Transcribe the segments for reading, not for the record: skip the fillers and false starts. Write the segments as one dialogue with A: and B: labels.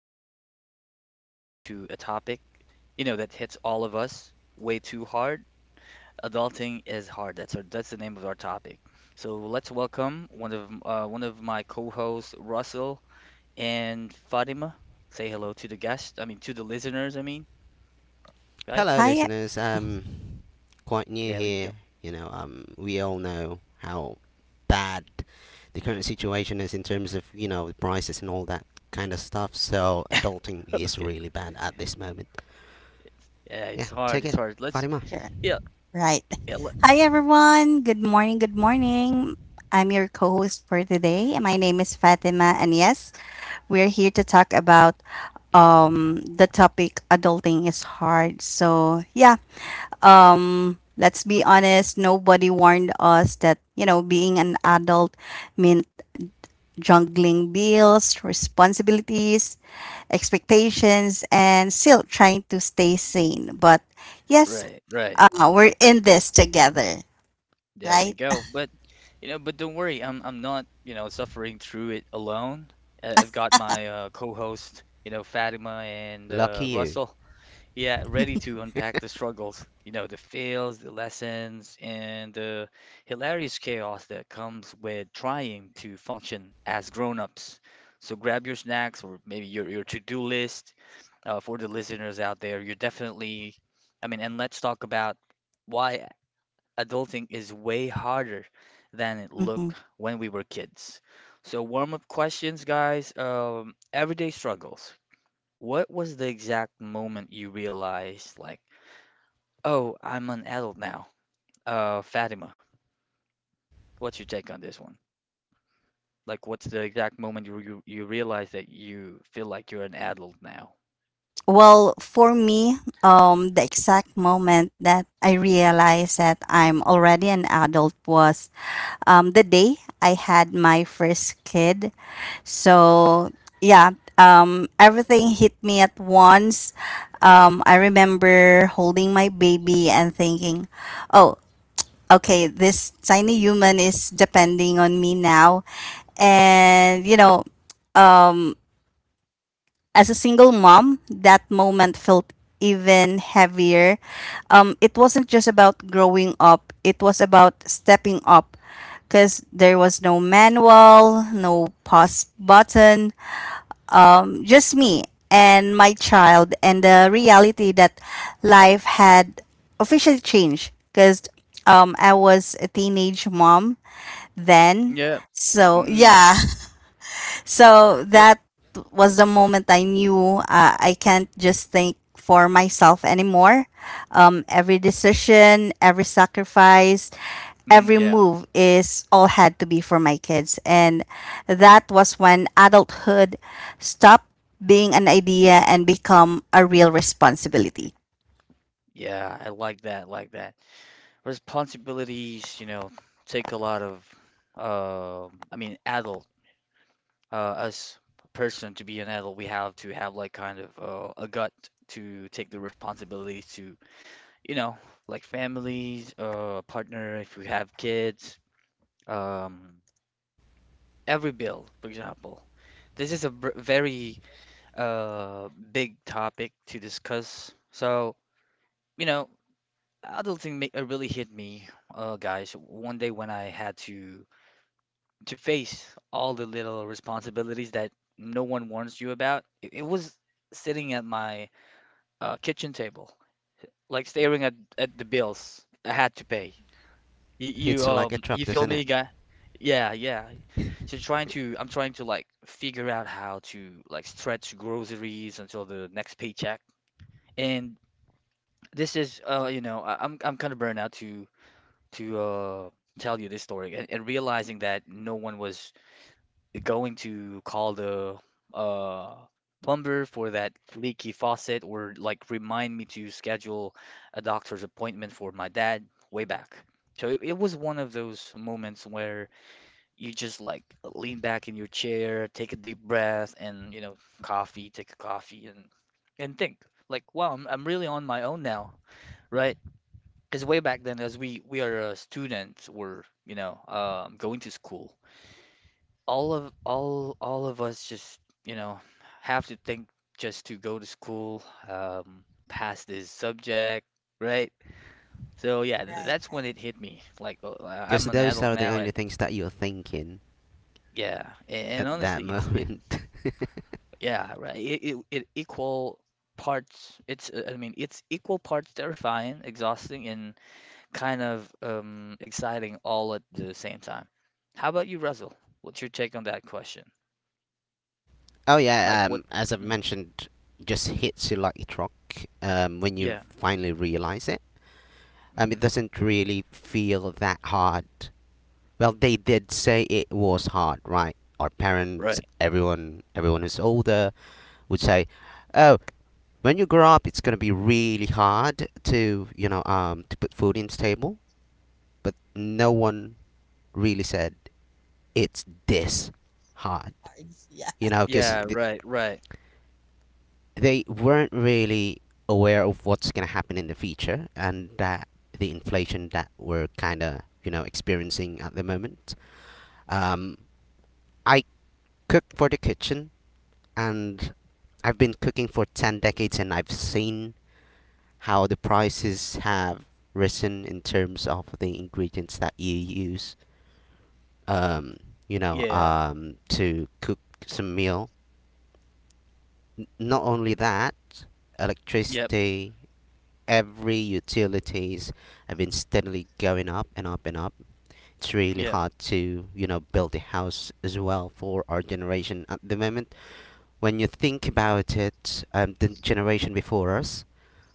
A: today we're diving into a topic, you know, that hits all of us way too hard. Adulting is hard. That's the name of our topic. So let's welcome one of my co-hosts, Russell and Fatima. Say hello to the guests. I mean, to the listeners. I mean, guys.
B: Hello,
C: Hi, e-
B: listeners. Quite new
A: There we
B: here.
A: go.
B: We all know how bad the current situation is in terms of the prices and all that kind of stuff. So adulting is
A: Okay.
B: really bad at this moment.
A: Yeah,
B: Yeah,
A: it's hard.
B: take
A: It's
B: it,
A: hard. Let's.
B: Fatima.
C: you're
A: Yeah.
C: right.
A: Yeah. le-
C: Hi, everyone. Good morning. Good morning. I'm your co host for today. My name is Fatima, and yes, we're here to talk about the topic adulting is hard. So, yeah, let's be honest. Nobody warned us that, you know, being an adult meant juggling bills, responsibilities, expectations, and still trying to stay sane. But yes,
A: Right. Right.
C: we're in this together,
A: There we
C: right?
A: go. But you know, but don't worry, I'm not, you know, suffering through it alone. I've got my co-host, you know, Fatima and
B: Lucky you.
A: Russell. Yeah, ready to unpack the struggles, you know, the fails, the lessons, and the hilarious chaos that comes with trying to function as grown-ups. So grab your snacks or maybe your to-do list for the listeners out there. You're definitely, I mean, and let's talk about why adulting is way harder than it
C: hmm
A: looked when we were kids. So, warm up questions, guys. Everyday struggles. What was the exact moment you realized, like, oh, I'm an adult now? Fatima, what's your take on this one? Like, what's the exact moment you realize that you feel like you're an adult now?
C: Well, for me, the exact moment that I realized that I'm already an adult was the day I had my first kid. So, yeah, everything hit me at once. I remember holding my baby and thinking, oh, okay, this tiny human is depending on me now, and you know, um as a single mom, that moment felt even heavier. It wasn't just about growing up, it was about stepping up because there was no manual, no pause button, just me and my child, and the reality that life had officially changed because I was a teenage mom then.
A: Yeah.
C: So,
A: Mm, I
C: yeah.
A: see.
C: So
A: Yep.
C: that was the moment I knew I can't just think for myself anymore. Every decision, every sacrifice,
A: Mm,
C: every
A: yeah.
C: move is all had to be for my kids. And that was when adulthood stopped being an idea and become a real responsibility.
A: Yeah, I like that. Like that. Responsibilities, you know, take a lot of, um I mean, adult, as a person to be an adult, we have to have like kind of a gut to take the responsibilities to, you know, like families, partner, if you have kids, um, every bill, for example. This is a very big topic to discuss. So, you know, really hit me, guys, one day when I had to face all the little responsibilities that no one warns you about. It was sitting at my kitchen table, like staring at the bills I had to pay.
B: Hits you like a truck,
A: You feel
B: doesn't
A: me,
B: it?
A: guy? Yeah, yeah. So trying to I'm trying to like figure out how to like stretch groceries until the next paycheck. And this is I'm kind of burned out to tell you this story, and realizing that no one was going to call the uh plumber for that leaky faucet, or like remind me to schedule a doctor's appointment for my dad way back. So it was one of those moments where you just like lean back in your chair, take a deep breath, and you know, coffee, take a coffee and think like, wow, I'm really on my own now, right? Because way back then, as we are students, we're you know going to school, all of us just you know have to think just to go to school, pass this subject, right. So yeah,
C: Right,
A: that's when
C: right.
A: it hit me, like, oh,
B: Because
A: I'm an
B: those
A: adult
B: are the
A: now.
B: only
A: And
B: things that you're thinking at that
A: honestly, it's it
B: moment.
A: yeah right it, it, it equal parts it's I mean it's equal parts terrifying, exhausting, and kind of exciting all at the same time. How about you, Russell? What's your take on that question?
B: Oh
A: Like
B: yeah,
A: what.
B: as I've
A: Mm,
B: mentioned, just hits you like a truck when you
A: yeah.
B: finally realize it. It
A: Mm,
B: doesn't really feel that hard. Well, they did say it was hard, right? Our parents,
A: right.
B: everyone, everyone who's older would say, "Oh, when you grow up, it's gonna be really hard to, to put food in the table." But no one really said it's this hard,
C: Yeah.
B: because
A: Yeah, right, right.
B: they weren't really aware of what's going to happen in the future, and that the inflation that we're kind of experiencing at the moment. Um, I cook for the kitchen, and I've been cooking for ten decades, and I've seen how the prices have risen in terms of the ingredients that you use. Um,
A: Yeah.
B: to cook some meal. Not only that,
A: Yep,
B: electricity, every utilities have been steadily going up and up and up. It's really
A: yep.
B: hard to, build a house as well for our generation at the moment. When you think about it, the generation before us,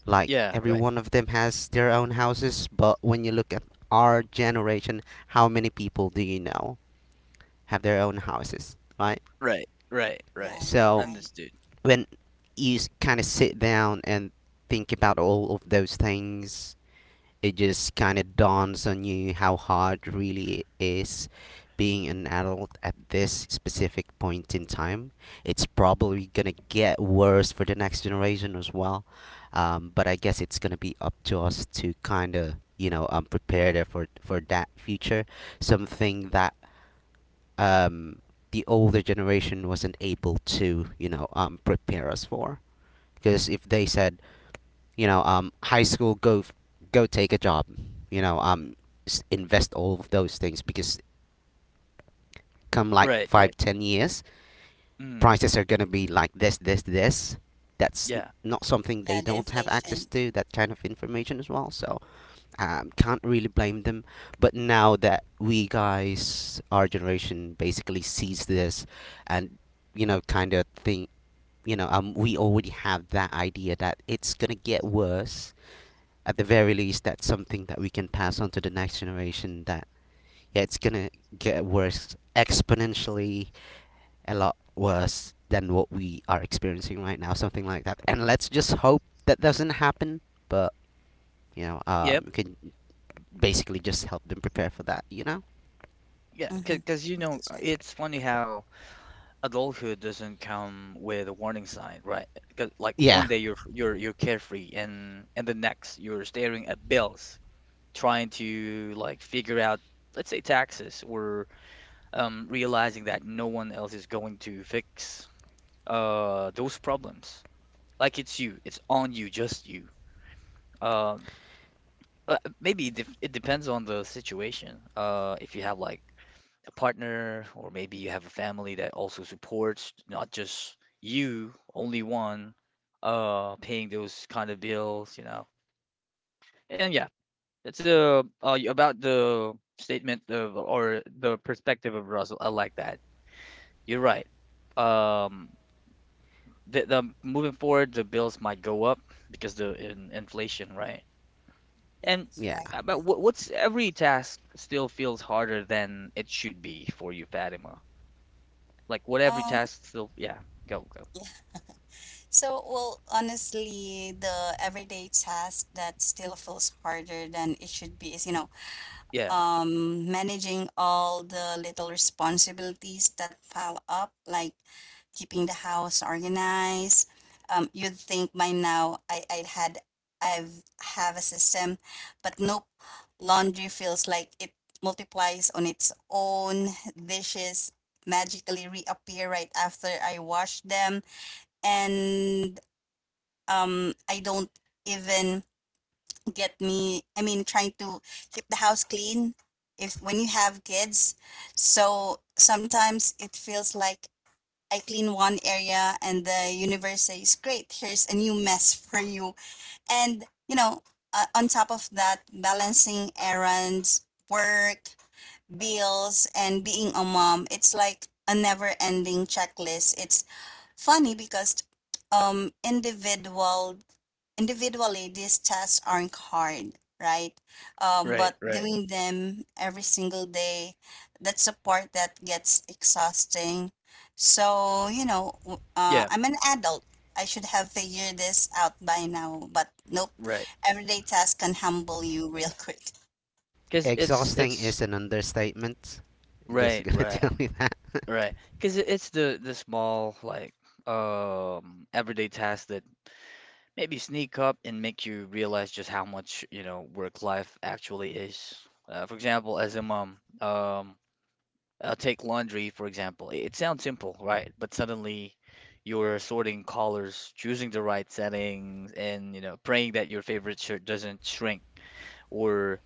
B: like
A: Yeah,
B: every
A: right.
B: one of them has their own
C: Mhm.
B: houses, but when you look at our generation, how many people do you know have their own houses, right?
A: Right, right, right.
C: Right,
B: So
C: right.
A: Understood.
B: when you kind of sit down and think about all of those things, it just kind of dawns on you how hard really it is being an adult at this specific point in time. It's probably gonna get worse for the next generation as well. But I guess it's gonna be up to us to kind of prepare there for that future. Something that um, the older generation wasn't able to prepare us for. Because if they said, high school, go take a job. You know, um, invest all of those things, because come like
A: Right, right.
B: five, 10 years,
A: Mm.
B: prices are gonna be like this, this, this. That's
A: Yeah.
B: not something
C: Yeah,
B: they
C: the
B: don't have access
C: inflation.
B: to. That kind of information as well. So can't really blame them. But now that we guys, our generation, basically sees this, and kind of thing. We already have that idea that it's gonna get worse. At the very least, that's something that we can pass on to the next generation, that yeah, it's gonna get worse exponentially, a lot worse than what we are experiencing right now, something like that, and let's just hope that doesn't happen. But
A: Yep.
B: we can basically just help them prepare for that.
A: Yeah,
C: Mhm.
A: because you know,
C: That's right.
A: it's funny how adulthood doesn't come with a warning sign, right? 'Cause, like,
B: Yeah,
A: one day you're carefree, and the next you're staring at bills, trying to like figure out, let's say taxes, or realizing that no one else is going to fix those problems. Like it's you. It's on you, just you. Um, Maybe it depends on the situation. If you have like a partner, or maybe you have a family that also supports, not just you, only one, paying those kind of bills, you know. And yeah, it's about the statement of or the perspective of Russell. I like that. You're right. Um, the Moving forward, the bills might go up because inflation, right? And
C: Yes,
B: yeah,
C: right,
A: but
C: right.
A: what's every task still feels harder than it should be for you, Fatima? Like what every
C: Um,
A: task still, yeah, go go.
C: So, well, honestly, the everyday task that still feels harder than it should be is, you know,
A: Yeah,
C: managing all the little responsibilities that pile up, like keeping the house organized. You'd think by now I, I'd had I've have a system, but nope. Laundry feels like it multiplies on its own. Dishes magically reappear right after I wash them, and I don't even get me, I mean, trying to keep the house clean if when you have kids. So sometimes it feels like I clean one area and the universe says, "Great, here's a new mess for you." And you know, on top of that, balancing errands, work, bills, and being a mom, it's like a never-ending checklist. It's funny because um individual individually these tests aren't hard, right? Um,
A: right,
C: but
A: right.
C: doing them every single day, that's a part that gets exhausting. So you know,
A: Yeah,
C: I'm an adult, I should have figured this out by now, but nope,
A: right.
C: everyday tasks can humble you real quick.
A: 'Cause
B: exhausting
A: it's
B: is an understatement, just
A: right,
B: gonna tell
A: right,
B: you that.
A: right. 'Cause it's the small like everyday tasks that maybe sneak up and make you realize just how much, you know, work life actually is. For example, as a mom, take laundry, for example. It sounds simple, right? But suddenly you're sorting colors, choosing the right settings, and you know, praying that your favorite shirt doesn't shrink. Or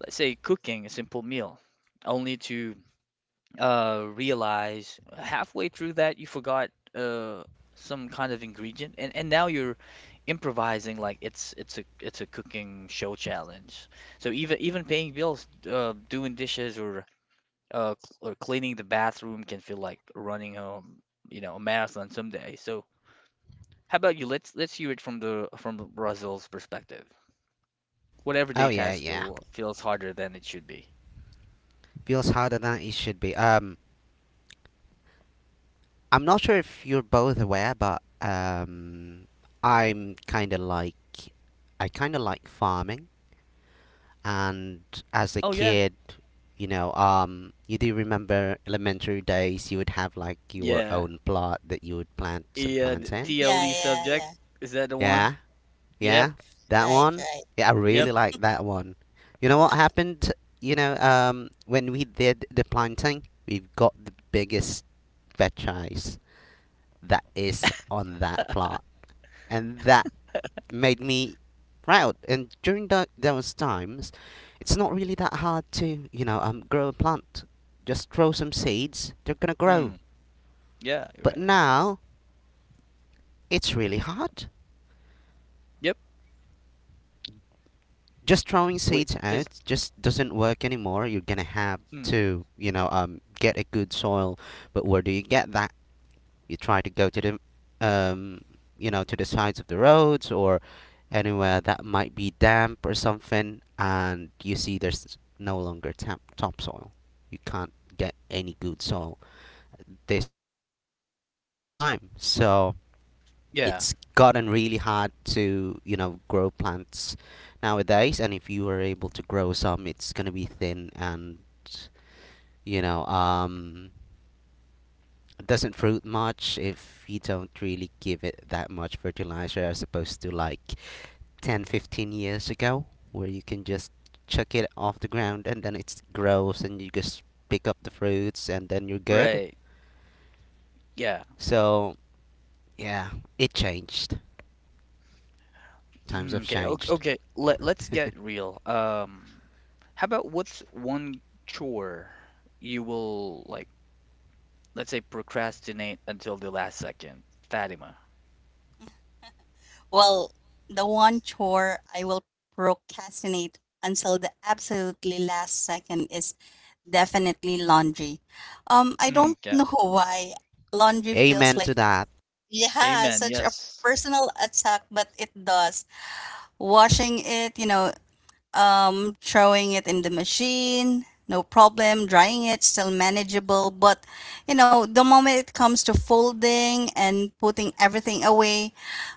A: let's say cooking a simple meal, only to realize halfway through that you forgot uh, some kind of ingredient, and now you're improvising like it's a cooking show challenge. So even even paying bills, doing dishes, or cleaning the bathroom can feel like running a, you know, a marathon someday. So how about you? Let's hear it from the from Brazil's perspective. What
B: Oh
A: everyday
B: yeah,
A: task
B: yeah,
A: still feels harder than it should be?
B: feels harder than it should be. I'm not sure if you're both aware, but I'm kind of like I kind of like farming, and as a
A: Oh yeah,
B: kid, you do remember elementary days. You would have like your
A: yeah,
B: own plot that you would plant some
A: yeah.
B: plants
A: The
B: in.
C: Yeah,
A: TLE
C: yeah,
A: subject,
C: yeah.
A: is that the one?
B: Yeah,
A: Yep,
B: yeah, that
C: Right,
B: one.
C: right.
B: Yeah, I
A: yep.
B: really like that one. You know what happened? When we did the planting, we've got the biggest veg eyes that is on that plot, and that made me proud. And during those times, it's not really that hard to, grow a plant. Just throw some seeds, they're gonna grow.
A: Hmm. Yeah, you're
B: But
A: right.
B: now, it's really hard.
A: Yep.
B: Just throwing
A: Wait,
B: seeds
A: cause
B: out just doesn't work anymore. You're gonna have
A: hmm.
B: to, get a good soil. But where do you get that? You try to go to the um, to the sides of the roads or anywhere that might be damp or something, and you see there's no longer topsoil. You can't get any good soil at this point in time. So it's
A: Yeah,
B: gotten really hard to grow plants nowadays, and if you are able to grow some, it's going to be thin and you know um doesn't fruit much if you don't really give it that much fertilizer, as opposed to like 10 to 15 years ago where you can just chuck it off the ground, and then it grows and you just pick up the fruits, and then you're good.
A: right. Yeah.
B: So yeah, it changed. Times
A: Mm,
B: have
A: okay, okay,
B: changed.
A: okay. Let let's get real. How about what's one chore you will like, let's say procrastinate until the last second? Fatima.
C: Well, the one chore I will procrastinate until the absolutely last second is definitely laundry. I
A: Mm,
C: don't
A: yeah.
C: know why laundry feels
B: Amen
C: like,
B: to that.
C: yeah,
A: Amen.
C: such a
A: Yes.
C: personal attack, but it does. Washing it, you know, throwing it in the machine, no problem. Drying it, still manageable. But, you know, the moment it comes to folding and putting everything away,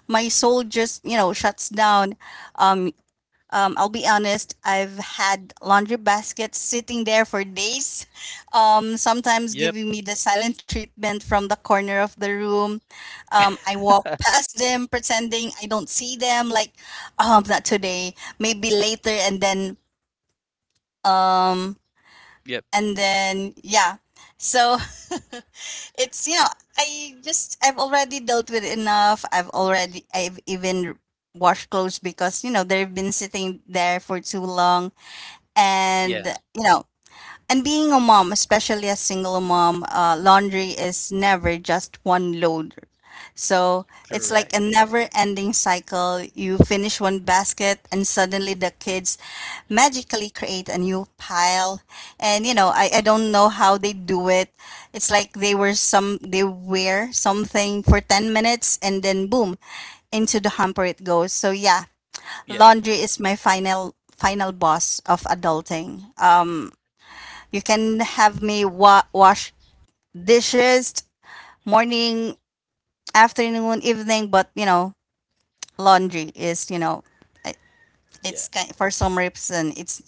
C: my soul just, you know, shuts down. Um, I'll be honest, I've had laundry baskets sitting there for days, sometimes
A: Yep.
C: giving me the silent treatment from the corner of the room. I walk past them pretending I don't see them, like, not today, maybe later, um,
A: Yep.
C: and then, yeah. So it's, you know, I've already dealt with enough. I've already, I've even washed clothes because, you know, they've been sitting there for too long. And
A: Yeah.
C: you know, and being a mom, especially a single mom, laundry is never just one load. So it's like a
A: Correct.
C: never ending cycle, you finish one basket and suddenly the kids magically create a new pile, and you know, I don't know how they do it. It's like they wear something for 10 minutes and then boom, into the hamper it goes. So yeah,
A: Yeah.
C: laundry is my final final boss of adulting. You can have me wash dishes morning, afternoon, evening, but you know, laundry is, you know, I-
A: Yeah.
C: it's kind, for some reason it's,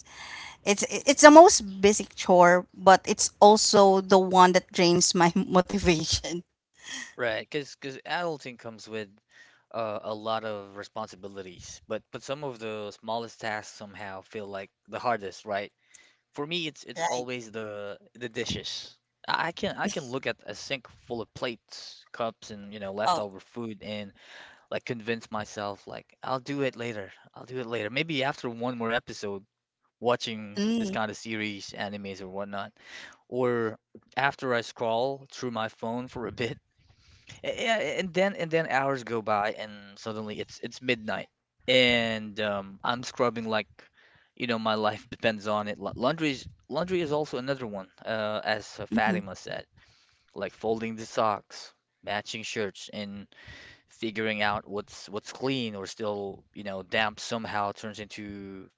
C: it's the most basic chore, but it's also the one that drains my motivation.
A: Right. Because adulting comes with a lot of responsibilities, but some of the smallest tasks somehow feel like the hardest, right? For me, it's
C: Right.
A: always the dishes. I can look at a sink full of plates, cups, and you know
C: Oh.
A: leftover food, and like convince myself like I'll do it later. I'll do it later. Maybe after one more episode, watching this
C: Mm,
A: kind of series, animes or whatnot, or after I scroll through my phone for a bit, yeah, and then hours go by, and suddenly it's midnight, and I'm scrubbing like you know my life depends on it. Laundry is also another one, as
C: mhm.
A: Fatima said, like folding the socks, matching shirts, and figuring out what's clean or still you know damp somehow turns into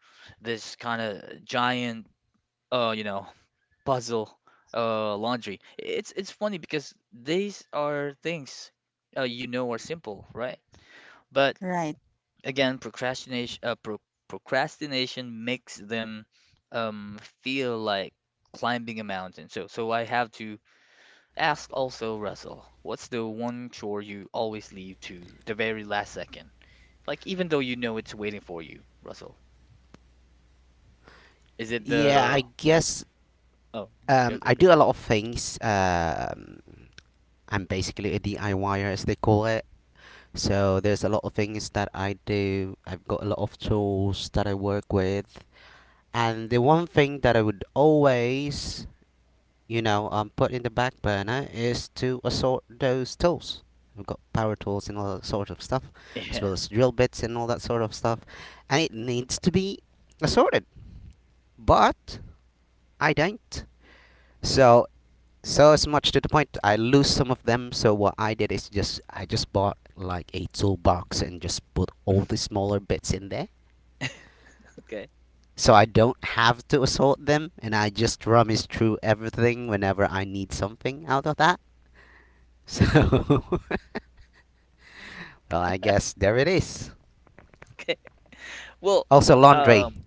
A: this kind of giant uh you know puzzle, laundry. It's funny because these are things you know are simple, right? But
C: Right.
A: again, procrastination makes them feel like climbing a mountain. So so I have to ask also, Russell, what's the one chore you always leave to the very last second? Like even though you know it's waiting for you, Russell. Is it
B: Yeah, I
A: the...
B: guess.
A: Oh, go
B: um,
A: go
B: i
A: go.
B: do a lot of things. I'm basically a diyer as they call it. So there's a lot of things that I do. I've got a lot of tools that I work with. And the one thing that I would always, put in the back burner is to assort those tools. We've got power tools and all that sort of stuff, as
A: Yeah.
B: well as drill bits and all that sort of stuff. And it needs to be assorted. But I don't. So So it's much to the point. I lose some of them. So what I did is just bought like a toolbox and just put all the smaller bits in there.
A: Okay.
B: So I don't have to assort them, and I just rummage through everything whenever I need something out of that. So, well, I guess there it is.
A: Okay. Well,
B: Also, laundry.
A: um,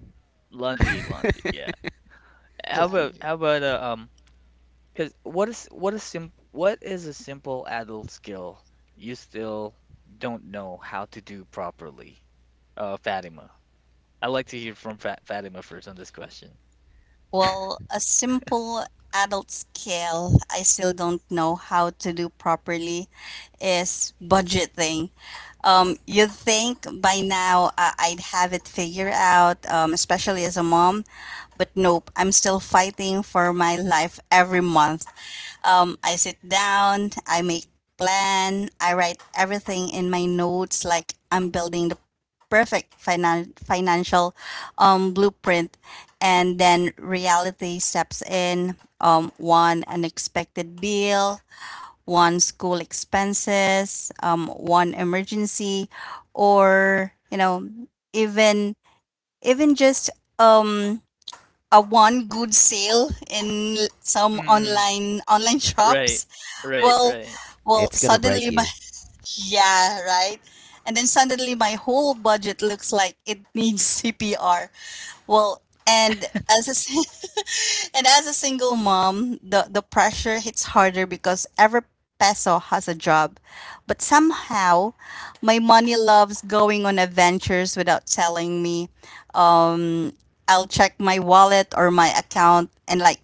A: laundry, laundry. Yeah.
C: Yeah, laundry.
A: How about um? Because what is a simple adult skill you still don't know how to do properly? Fatima. I'd like to hear from Fa Fatima first on this question.
C: Well, a simple adult scale I still don't know how to do properly is budgeting. You'd think by now I'd have it figured out, especially as a mom, but nope, I'm still fighting for my life every month. I sit down, I make plan, I write everything in my notes like I'm building the perfect financial blueprint, and then reality steps in. Um, one unexpected bill, one school expenses, one emergency, or you know, even even just um, a one good sale in some
A: Mm-mm.
C: online
A: Right.
C: shops,
A: Right.
C: well,
A: Right.
B: It's gonna break
C: suddenly my
B: you.
C: yeah, right, and then suddenly my whole budget looks like it needs cpr. Well, and as I say. And as a single mom, the pressure hits harder because every peso has a job. But somehow, my money loves going on adventures without telling me. I'll check my wallet or my account and, like,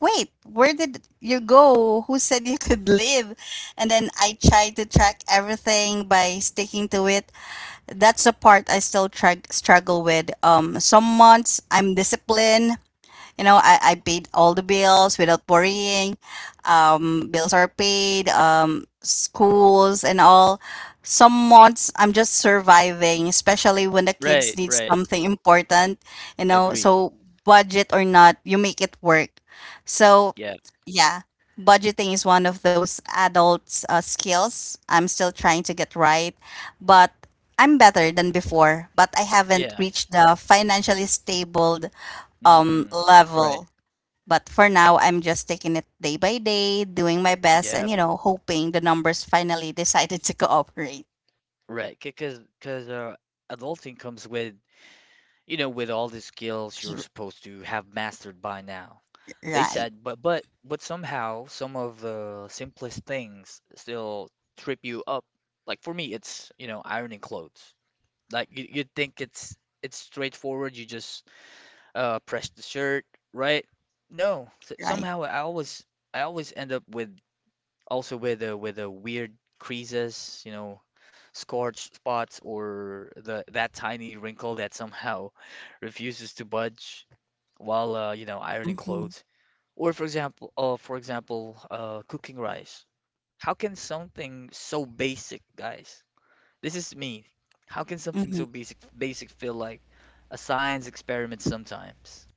C: wait, where did you go? Who said you could live? And then I try to track everything by sticking to it, that's the part I still struggle with. Some months I'm disciplined, you know, I paid all the bills without worrying. Bills are paid, schools and all. Some months I'm just surviving, especially when the kids
A: Right.
C: need
A: Right.
C: something important, you know.
A: Agree.
C: So budget or not, you make it work. So
A: Yeah.
C: yeah, budgeting is one of those adult skills I'm still trying to get right, but I'm better than before, but I haven't
A: Yeah.
C: reached the financially stable
A: Mm-mm.
C: level.
A: Right.
C: But for now, I'm just taking it day by day, doing my best, and
A: Yep.
C: you know, hoping the numbers finally decided to cooperate.
A: Right. Because adulting comes with you know with all the skills
C: S-
A: you're supposed to have mastered by now.
C: Right,
A: They
C: right.
A: said, but somehow some of the simplest things still trip you up. Like for me, it's you know ironing clothes. Like you you'd think it's straightforward. You just press the shirt, right? No,
C: Right.
A: somehow I always end up with also with a weird creases, you know, scorch spots or the that tiny wrinkle that somehow refuses to budge while you know ironing
C: Mm-hmm,
A: clothes. Or for example, cooking rice. How can something so basic, guys? This is me. How can something so
C: mm-hmm,
A: basic basic feel like a science experiment sometimes?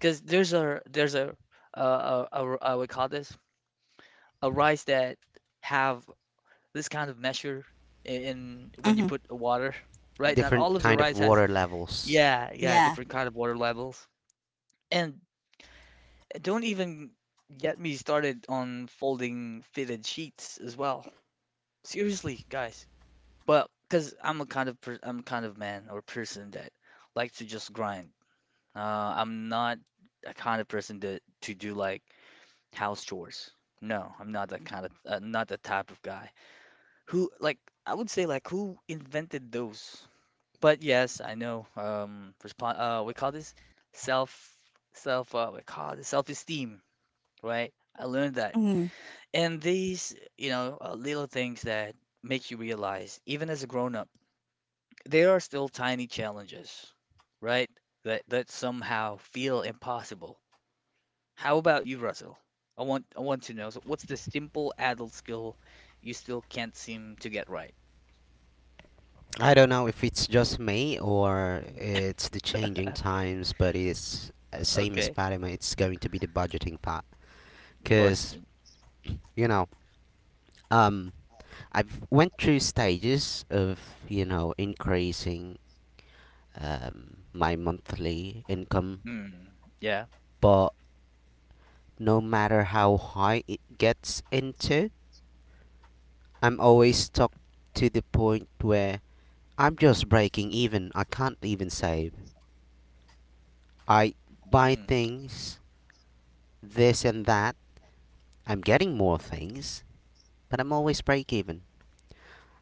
A: Because there's a we call this a rice that have this kind of measure in when you
C: mm-hmm.
A: put water, right? Not all
B: Different
A: of the
B: kind of
A: rice has
B: water levels.
A: yeah yeah
C: Yeah.
A: different kind of water levels, and don't even get me started on folding fitted sheets as well. Seriously, guys. But because I'm a kind of per I'm kind of man or person that likes to just grind. I'm not a kind of person that to do like house chores. No, I'm not that kind of not the type of guy who like I would say like who invented those. But yes, I know. Respond. We call this self self. We call this self-esteem, right? I learned that.
C: Mm-hmm,
A: And these, little things that make you realize, even as a grown up, there are still tiny challenges, right? That somehow feel impossible. How about you, Russell? I want to know. So what's the simple adult skill you still can't seem to get right?
B: I don't know if it's just me or it's the changing times, but it's same as
A: Okay.
B: Fatima. It's going to be the budgeting part, cause
A: Budgeting.
B: you know, um, I've went through stages of increasing my monthly income,
A: Mm, yeah.
B: but no matter how high it gets into, I'm always stuck to the point where I'm just breaking even. I can't even save. I buy
A: Mm,
B: things, this and that, I'm getting more things, but I'm always break even.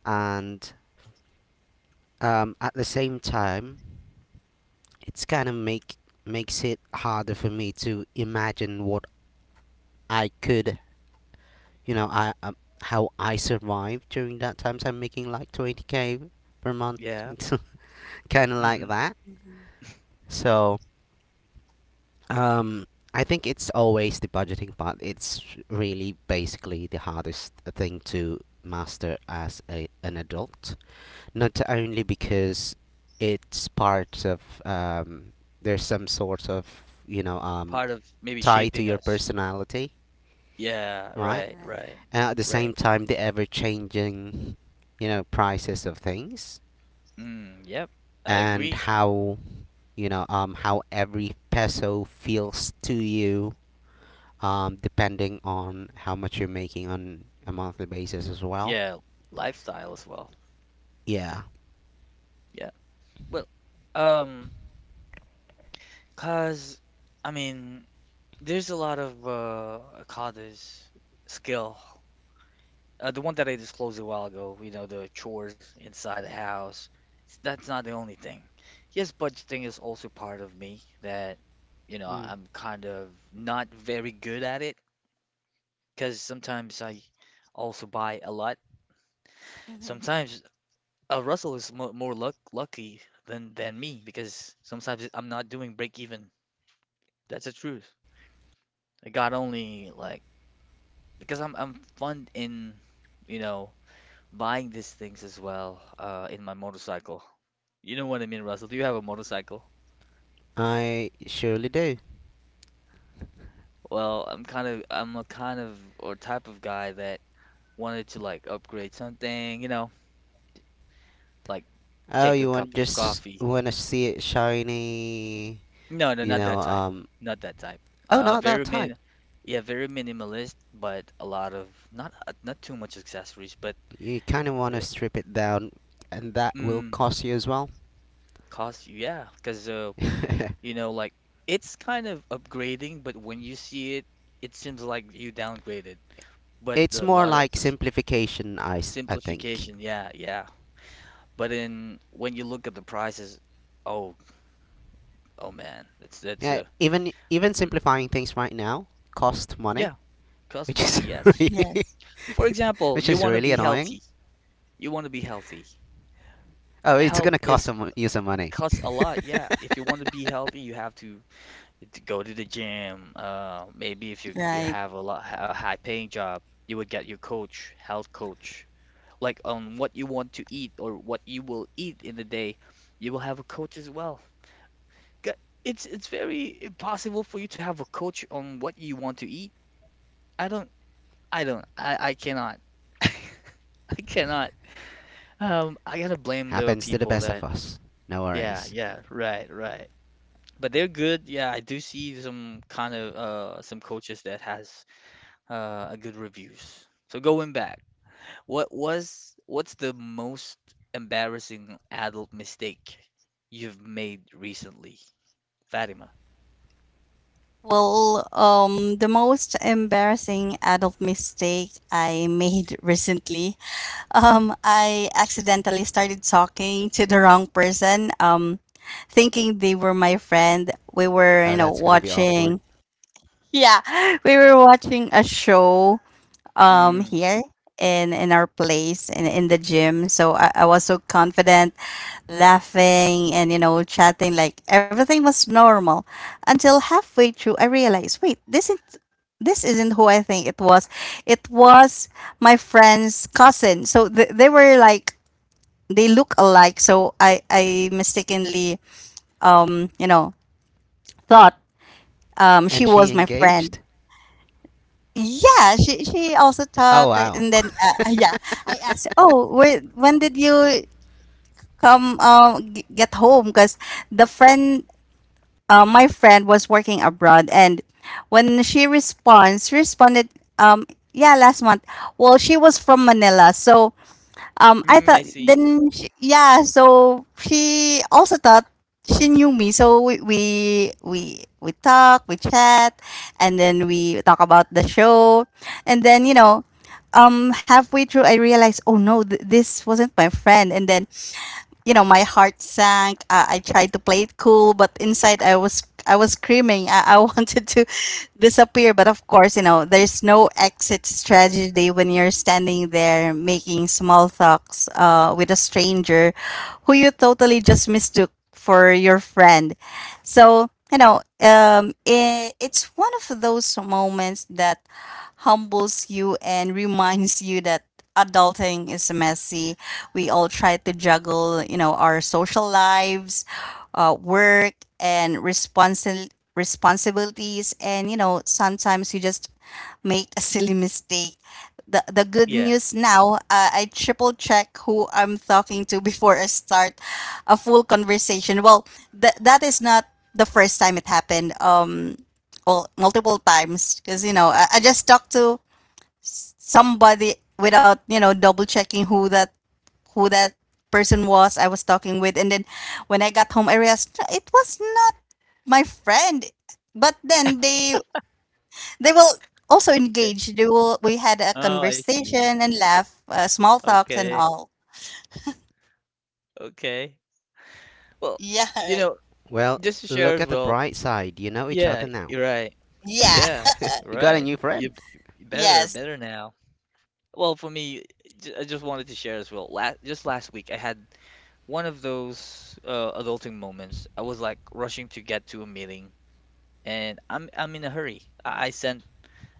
B: And at the same time, it's kind of makes it harder for me to imagine what I could, you know, I how I survived during that time. So I'm making like 20K per month,
A: yeah.
B: kind of like
A: Hmm.
B: that.
C: mm-hmm.
B: So um, I think it's always the budgeting part. It's really basically the hardest thing to master as a, an adult. Not only because it's part of there's some sort of you know um,
A: Part of maybe
B: tie to
A: shaping
B: your
A: us.
B: personality,
A: Yeah,
B: right?
A: right,
C: Right.
A: right,
B: And at the
A: right.
B: same time, the ever-changing prices of things,
A: Mm, yep. I
B: and
A: agree.
B: how how every peso feels to you, depending on how much you're making on a monthly basis as well.
A: Yeah, lifestyle as well.
B: Yeah,
A: Yeah. Well, um, cause I mean, there's a lot of call this skill. The one that I disclosed a while ago, you know, the chores inside the house. It's, that's not the only thing. Yes, budgeting is also part of me that, you know,
B: mm.
A: I'm kind of not very good at it because sometimes I also buy a lot.
C: Mm-hmm.
A: Sometimes Russell is mo more lucky than me because sometimes I'm not doing break even. That's the truth. I got only like because I'm fun in you know buying these things as well in my motorcycle. You know what I mean, Russell? Do you have a motorcycle?
B: I surely do.
A: Well, I'm a kind of or type of guy that wanted to like upgrade something, you know, like
B: Oh,
A: take a
B: you want
A: cup of
B: just
A: coffee.
B: want to see it shiny,
A: No, no,
B: you
A: not
B: know,
A: that type.
B: um
A: Not that type.
B: oh,
A: Uh,
B: not that
A: very
B: type.
A: min, yeah, very minimalist, but a lot of not not too much accessories, but
B: You kind of want to strip it down, and that will
A: mm,
B: cost you as well.
A: cost, yeah, because you know, like it's kind of upgrading, but when you see it, it seems like you downgraded. But
B: It's
A: a
B: more
A: lot of
B: like simplification, I think.
A: simplification, yeah, yeah. But in when you look at the prices, oh, oh man, that's
B: Yeah, even even
A: mm,
B: simplifying things right now cost money,
A: yeah, cost
B: which
A: money,
B: is
A: yes.
B: really
C: Yes.
A: For example,
B: which
A: you
B: is
A: want to
B: really
A: be
B: annoying.
A: healthy. You want to be healthy.
B: Oh, it's
A: Health
B: going to cost
A: is
B: some, you some money.
A: costs a lot, yeah. If you want to be healthy, you have to go to the gym. Maybe if you
C: Right.
A: you have a lot a high paying job, you would get your coach, health coach, like on what you want to eat or what you will eat in the day. You will have a coach as well. G- it's very impossible for you to have a coach on what you want to eat. I don't, I cannot. I cannot. I gotta blame the
B: Happens to the
A: people
B: best of
A: that.
B: us. No
A: Yeah,
B: worries.
A: yeah, right, right. But they're good. Yeah, I do see some kind of some coaches that has a good reviews. So going back, what's the most embarrassing adult mistake you've made recently, Fatima?
C: Well, the most embarrassing adult mistake I made recently. I accidentally started talking to the wrong person, thinking they were my friend. We were, you
B: Oh,
C: know,
B: that's going to be awkward.
C: watching. Yeah, we were watching a show
A: Mm,
C: here in our place in the gym. So I was so confident, laughing and you know chatting like everything was normal until halfway through I realized, wait, this isn't who I think it was. It was my friend's cousin. So they were like, they look alike. So I mistakenly um you know thought she
B: And she
C: was my friend.
B: engaged?
C: Yeah, she also
B: Oh,
C: talked,
B: wow.
C: and then yeah, I asked, "Oh, when did you come get home?" Because the friend, my friend, was working abroad, and when she responds, she responded, um, "Yeah, last month." Well, she was from Manila, so I
A: mm,
C: thought
A: I see.
C: then she, yeah, so she also thought she knew me. So we talk, we chat, and then we talk about the show, and then you know, halfway through I realized, oh no, this wasn't my friend, and then you know my heart sank. I tried to play it cool, but inside I was screaming. I wanted to disappear, but of course you know there's no exit strategy when you're standing there making small talks with a stranger who you totally just mistook for your friend. So, you know, it's one of those moments that humbles you and reminds you that adulting is messy. We all try to juggle, you know, our social lives, work, and responsibilities. And, you know, sometimes you just make a silly mistake. The good
A: Yeah.
C: news now, I triple check who I'm talking to before I start a full conversation. Well, that is not the first time it happened. Well, multiple times because you know I just talked to somebody without you know double checking who that person was I was talking with, and then when I got home, I realized, "No, it was not my friend. But then they will also
A: Okay.
C: engage. They will. We had a
A: Oh, I see.
C: conversation and laugh, small talks and
A: Okay.
C: all.
A: Okay. Well,
C: Yeah,
A: you
C: right.
A: know,
B: Well,
A: just to share
B: look
A: as
B: at the
A: well.
B: bright side. You know each
A: Yeah,
B: other now.
A: you're right.
C: Yeah,
A: Yes,
B: You got a
A: right.
B: new
A: you,
B: friend.
A: you better,
C: yes.
A: better now. Well, for me, I just wanted to share as well. Just last week, I had one of those adulting moments. I was like rushing to get to a meeting, and I'm in a hurry. I sent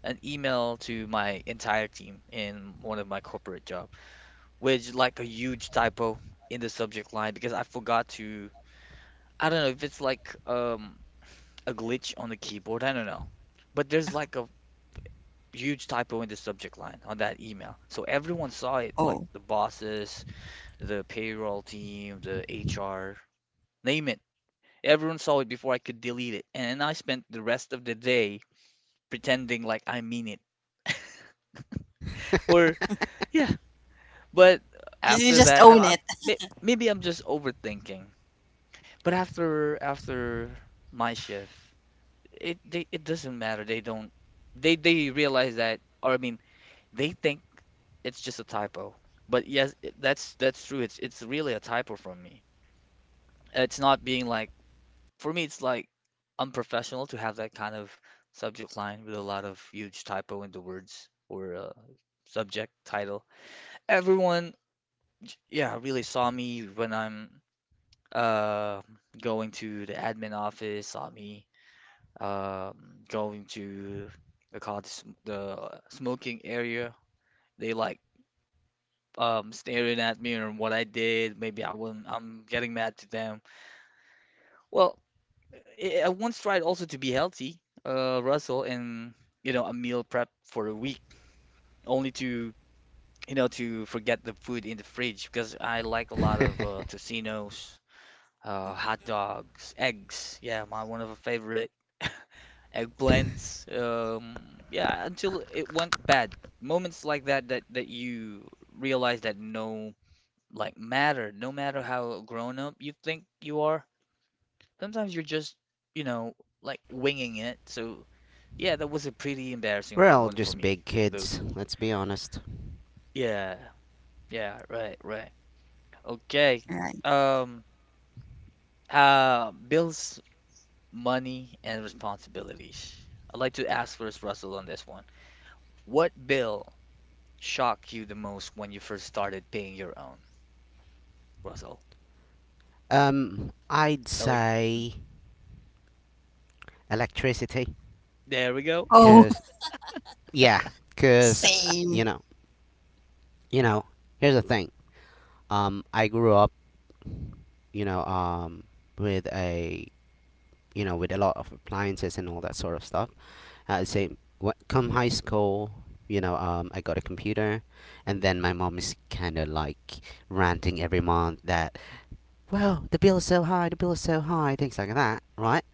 A: an email to my entire team in one of my corporate job with like a huge typo in the subject line because I forgot to. I don't know if it's like a glitch on the keyboard. I don't know, but there's like a huge typo in the subject line on that email. So everyone saw it, like
C: Oh,
A: the bosses the payroll team, the HR, name it. Everyone saw it before I could delete it. And I spent the rest of the day pretending like I mean it. Or, yeah, but
C: you
A: after
C: just
A: that,
C: own
A: I
C: it.
A: maybe I'm just overthinking. But after my shift, it they, it doesn't matter. They don't they realize that, or I mean, they think it's just a typo. But yes, that's true. It's really a typo from me. It's not being like for me, it's like unprofessional to have that kind of subject line with a lot of huge typo in the words or subject title. Everyone, yeah, really saw me when I'm uh, going to the admin office, saw me um, going to the call the smoking area. They like staring at me and what I did. Maybe I wouldn't, I'm getting mad to them. Well, I once tried also to be healthy, Russell, and you know, a meal prep for a week, only to you know to forget the food in the fridge because I like a lot of tocinos, hot dogs, eggs. Yeah, my one of a favorite eggplants. Yeah, until it went bad. Moments like that that you realize that no no matter how grown up you think you are, sometimes you're just, you know, like winging it. So, yeah, that was a pretty
B: We're
A: embarrassing
B: all
A: one for
B: just
A: me.
B: big
A: Those.
B: kids, let's be honest.
A: Yeah. Yeah, right, right. Okay.
C: Right.
A: Um, bills, money, and responsibilities. I'd like to ask first, Russell, on this one. What bill shocked you the most when you first started paying your own, Russell?
B: I'd
A: I like, mm.
B: say electricity,
A: There we go.
C: Oh,
B: cause yeah, cause
C: same.
B: you know. Here's the thing. I grew up, you know, um, with a, with a lot of appliances and all that sort of stuff. I say, what come high school, I got a computer, and then my mom is kind of like ranting every month that, well, the bill is so high, the bill is so high, things like that, right?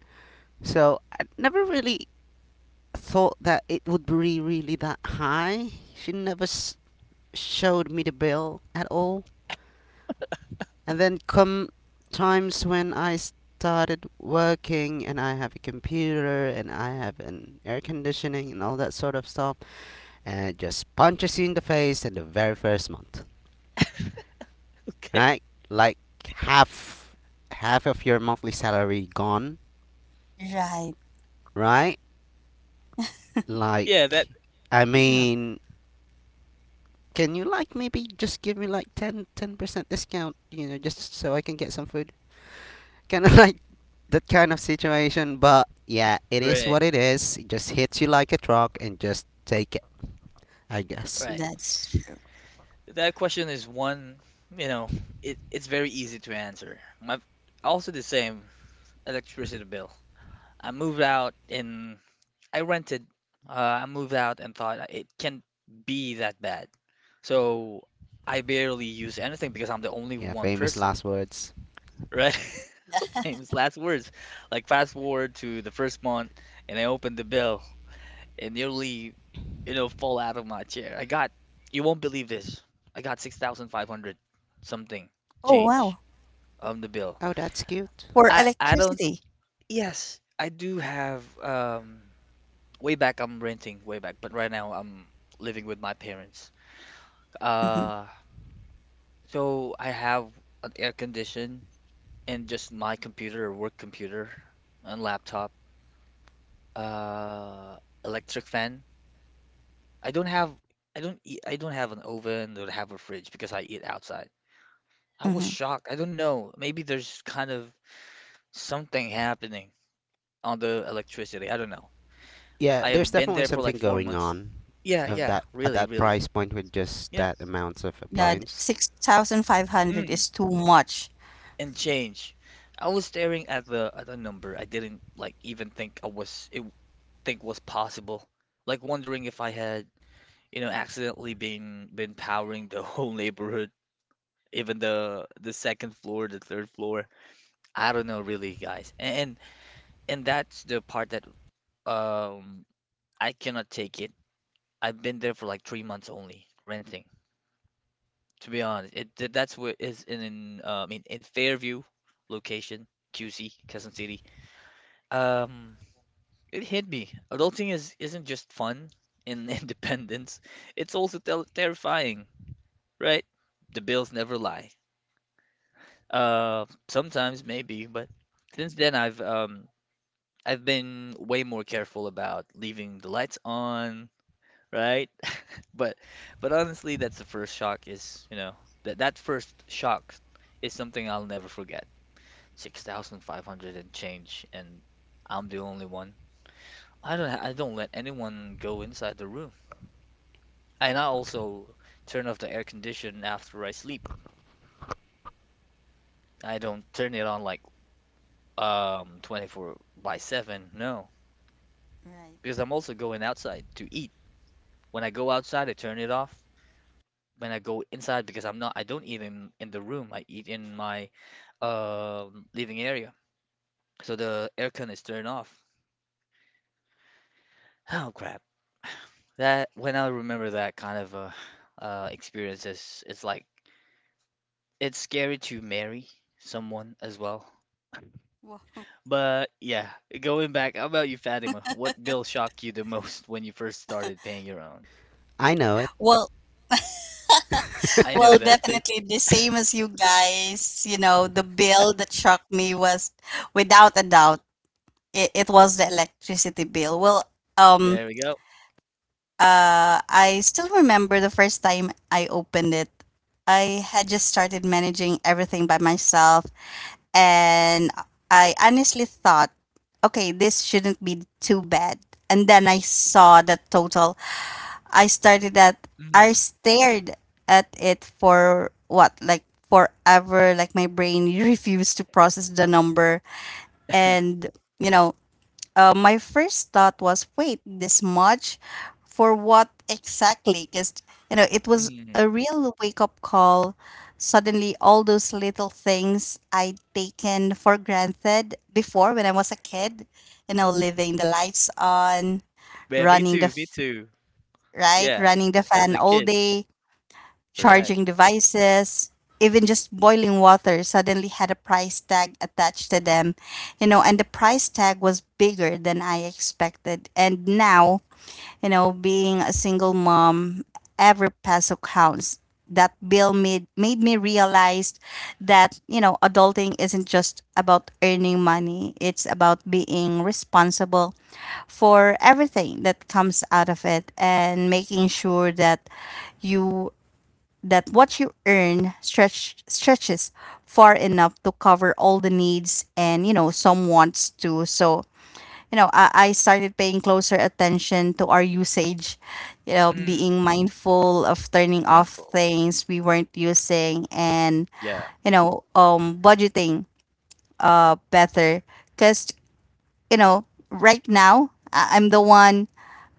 B: So I never really thought that it would be really really that high. She never showed me the bill at all. And then come times when I started working, and I have a computer and I have an air conditioning and all that sort of stuff, and just punches you in the face in the very first month,
A: Okay.
B: right? Like half half of your monthly salary gone,
C: Right.
B: right? Like
A: Yeah, that,
B: I
A: yeah,
B: mean, can you like maybe just give me like 10% discount, just so I can get some food? Kind of like that kind of situation, but yeah, it is
A: right,
B: what it is. It just hits you like a truck, and just take it, I guess.
A: right.
C: That's true.
A: That question is one, you know, it's very easy to answer. My also the same electricity bill. I moved out and I rented. Uh, I moved out and thought it can't be that bad. So I barely use anything because I'm the only
B: Yeah,
A: one
B: famous
A: person,
B: last words.
A: right?
C: Yeah.
A: Famous last words. Like fast forward to the first month and I opened the bill and nearly, you know, fall out of my chair. I got, you won't believe this. I got 6,500 something
C: Oh wow.
A: change on the bill.
B: Oh, that's cute.
C: For
A: I don't,
C: electricity.
A: yes, I do have way back I'm renting way back, but right now I'm living with my parents.
C: Mm-hmm.
A: Uh, so I have an air condition and just my computer, work computer and laptop, uh electric fan I don't have I don't have an oven or have a fridge because I eat outside. I was
C: Mm-hmm.
A: shocked. I don't know. Maybe there's kind of something happening on the electricity. I don't know.
B: Yeah,
A: I
B: there's
A: have been
B: definitely
A: there for like
B: something
A: four
B: going
A: months.
B: on
A: Yeah,
B: of
A: yeah,
B: that at
A: really,
B: that
A: really.
B: price point with just
A: Yeah.
B: that amounts of
C: God,
B: appliance.
C: 6,500 is
A: Mm.
C: too much.
A: And change. I was staring at the number. I didn't like even think I was it think was possible. Like wondering if I had, you know, accidentally been powering the whole neighborhood, even the second floor, the third floor. I don't know really, guys. And that's the part that um I cannot take it. I've been there for like 3 months only, renting. To be honest, it that's where is in I mean in Fairview location, QC, Quezon City. Um, it hit me. Adulting is isn't just fun and independence. It's also tel terrifying, right? The bills never lie. Sometimes maybe, but since then I've been way more careful about leaving the lights on, right? But but honestly, that's the first shock is, you know, that that first shock is something I'll never forget. 6,500 and change and I'm the only one. I don't let anyone go inside the room. And I also turn off the air condition after I sleep. I don't turn it on like 24 by 7. No,
C: Right.
A: because
C: Right.
A: I'm also going outside to eat. When I go outside, I turn it off when I go inside because I don't eat in the room. I eat in my living area. So the aircon is turned off. Oh crap. That when I remember that kind of experience is it's like it's scary to marry someone as well.
C: Wow.
A: But yeah, going back, how about you, Fatima? What bill shocked you the most when you first started paying your own?
B: I know it.
C: Well,
A: I know that too.
C: definitely the same as you guys. You know, the bill that shocked me was, without a doubt, it was the electricity bill. Well, um,
A: There we go.
C: I still remember the first time I opened it. I had just started managing everything by myself, and I honestly thought, okay, this shouldn't be too bad. And then I saw the total. I started at, I
A: Mm.
C: stared at it for what, like, forever. Like my brain refused to process the number, and you know, my first thought was, wait, this much for what exactly? Because, it was
A: Mm.
C: a real wake up call. Suddenly, all those little things I'd taken for granted before when I was a kid, leaving the lights on,
A: Yeah, me
C: running the,
A: too, me
C: f-
A: too.
C: right,
A: Yeah,
C: running the
A: as
C: fan
A: a
C: all
A: kid,
C: day,
A: correct.
C: charging devices, even just boiling water suddenly had a price tag attached to them, and the price tag was bigger than I expected. And now, being a single mom, every peso counts. That bill made me realize that, adulting isn't just about earning money. It's about being responsible for everything that comes out of it and making sure that you that what you earn stretches far enough to cover all the needs and some wants too. So I started paying closer attention to our usage,
A: Mm.
C: being mindful of turning off
A: Mindful.
C: things we weren't using and
A: Yeah.
C: budgeting better because, you know, right now, I'm the one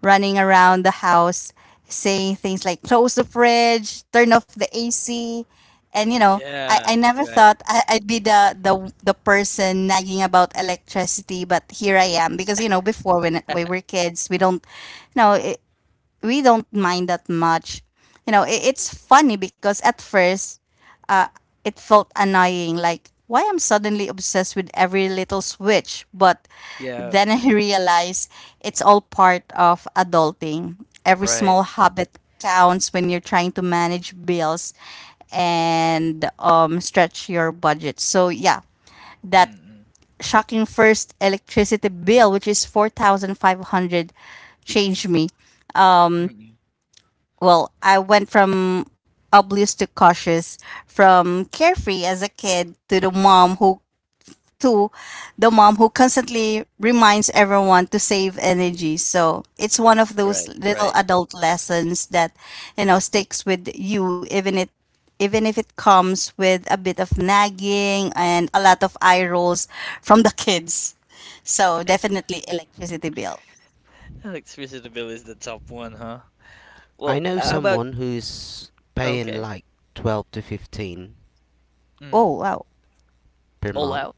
C: running around the house saying things like close the fridge, turn off the AC. And, I,
A: Yeah.
C: I never
A: Right.
C: thought I'd be the person nagging about electricity, but here I am. Because, before when we were kids, you know, it, we don't mind that much. It's funny because at first uh, it felt annoying. Like, why I'm suddenly obsessed with every little switch. But
A: Yeah.
C: then I realized it's all part of adulting. Every
A: Right.
C: small habit counts when you're trying to manage bills and stretch your budget. So, yeah, that
A: Mm-mm.
C: shocking first electricity bill, which is 4,500, changed me.
A: Mm-mm.
C: Well, I went from oblivious to cautious, from carefree as a kid to to the mom who constantly reminds everyone to save energy. So it's one of those
A: Right.
C: little
A: Right.
C: adult lessons that sticks with you even if it comes with a bit of nagging and a lot of eye rolls from the kids. So definitely electricity bill.
A: Alex Visitabile is the top one, huh?
B: I
A: Well,
B: know
A: how about
B: someone who's paying
A: okay.
B: like 12 to 15
C: Oh
A: Mm.
C: wow.
B: per
A: All
B: month
A: out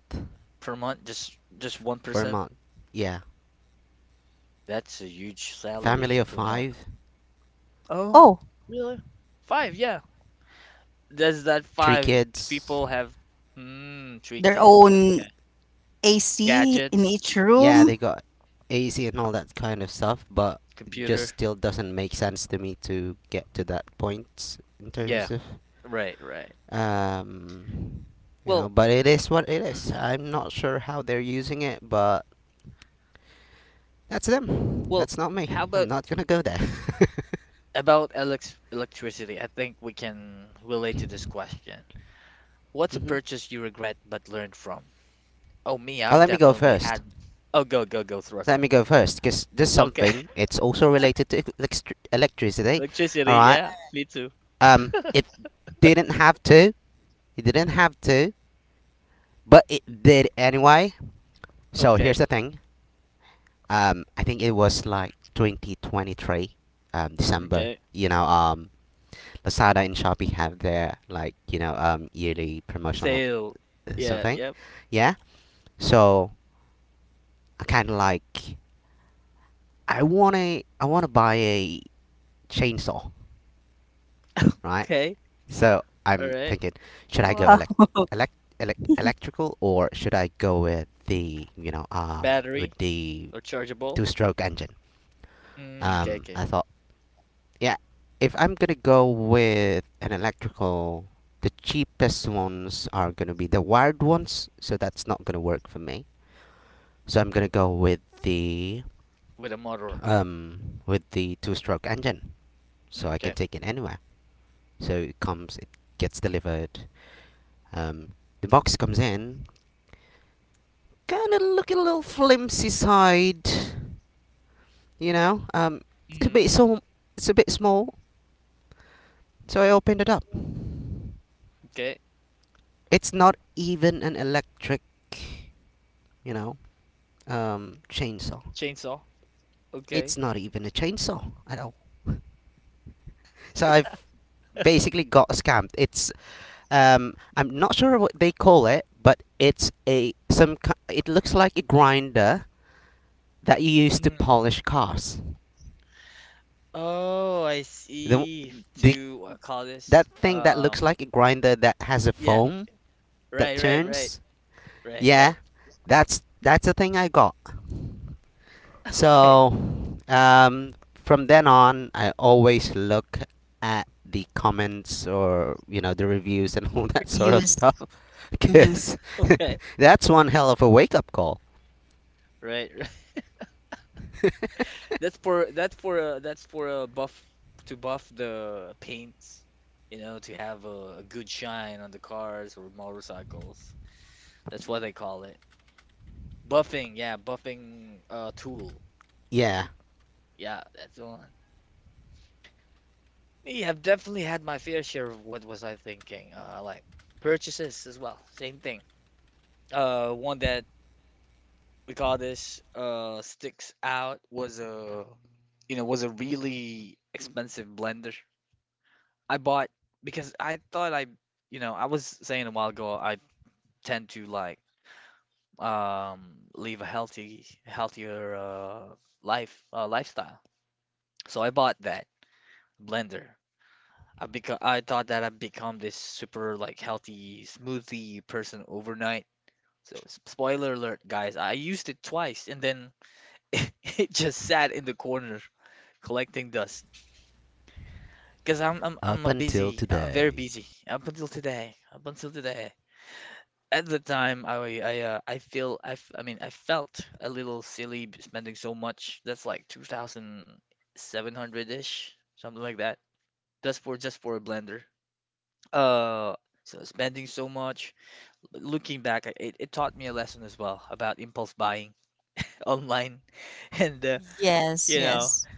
A: per month, just one
B: for a
A: percent.
B: month. Yeah.
A: That's a huge salary
B: Family of
A: per month.
B: 5,
A: Oh,
C: Oh,
A: really? Five, yeah. Does that
B: 3
A: five
B: kids.
A: people have mm, three
C: their
A: kids?
C: own
A: Okay.
C: AC in
A: Gadgets,
C: each
A: mm,
B: Yeah,
C: room.
B: they got AC and all that kind of stuff, but it just
A: computer.
B: still doesn't make sense to me to get to that point in
A: Yeah,
B: terms of
A: right, right.
B: Um, you know,
A: Well,
B: but it is what it is.
A: mm,
B: I'm not sure how they're using it, but that's them.
A: well,
B: That's not
A: how
B: me.
A: about
B: I'm not gonna go there.
A: About elec electricity, I think we can relate to this question. What's a
B: hmm
A: purchase you regret but learned from? Oh, me,
B: Oh,
A: I've
B: let me go
A: definitely
B: first.
A: had. Oh, go, go, go,
B: Let
A: throttle.
B: me go first, because there's
A: Okay,
B: something. It's also related to electricity. All
A: electricity,
B: right.
A: yeah, me too.
B: It didn't have to. It didn't have to, but it did anyway. So here's
A: Okay,
B: the thing. I think it was like 2023, December.
A: okay.
B: Lazada and Shopee have their yearly promotional
A: Sale, yeah,
B: something,
A: yep.
B: yeah. So I kind of I wanna buy a chainsaw, right?
A: Okay,
B: So
A: all
B: I'm
A: right.
B: thinking, should I go
C: Wow,
B: elect, electrical or should I go with the with
A: Battery,
B: the
A: rechargeable.
B: two stroke engine?
A: Mm, okay,
B: I
A: okay.
B: thought. Yeah, if I'm gonna go with an electrical, the cheapest ones are gonna be the wired ones, so that's not gonna work for me. So I'm gonna go with the
A: With a motor.
B: um with the two-stroke engine, so
A: Mm,
B: I can
A: okay.
B: take it anywhere. So it gets delivered. Um, the box comes in, kind of looking a little flimsy side, you know. It's a
A: Mm,
B: bit so it's a bit small, so I opened it up.
A: okay.
B: It's not even an electric, you know, chainsaw.
A: Chainsaw. Okay.
B: It's not even a chainsaw at all. So I've basically got scammed. It's, I'm not sure what they call it, but it's a it looks like a grinder that you use to
A: Mm.
B: polish cars.
A: Oh, I
B: The
A: see.
B: the
A: To what call
B: that
A: this?
B: thing that looks like a grinder that has a
A: Yeah.
B: foam that
A: Right, right, right,
B: turns.
A: right,
B: Yeah,
A: right.
B: that's the thing I got.
A: Okay,
B: So, from then on, I always look at the comments or the reviews and all that sort of
C: reviews.
B: stuff,
C: Mhm.
B: because
A: okay,
B: that's one hell of a wake up call.
A: right, right. That's for that's for that's for a buff to buff the paints, you know, to have a good shine on the cars or motorcycles. That's what they call it. Buffing, yeah, buffing tool.
B: Yeah,
A: Yeah, that's the one. Yeah, I've definitely had my fair share of what was I thinking. Like purchases as well, same thing. One that we call this sticks out was a really expensive blender. I bought because I thought I was saying a while ago I tend to like live a healthy healthier life lifestyle. So I bought that blender. I thought that I'd become this super like healthy smoothie person overnight. So spoiler alert, guys, I used it twice, and then it just sat in the corner collecting dust. Because I'm
B: up
A: a
B: until
A: busy. I'm very
B: today.
A: busy up until today. Up until today. At the time, I mean I felt a little silly spending so much. That's like 2,700-ish, something like that. That's for just for a blender. Uh, so spending so much. Looking back, it taught me a lesson as well about impulse buying online, and
C: Yes,
A: you know
C: yes.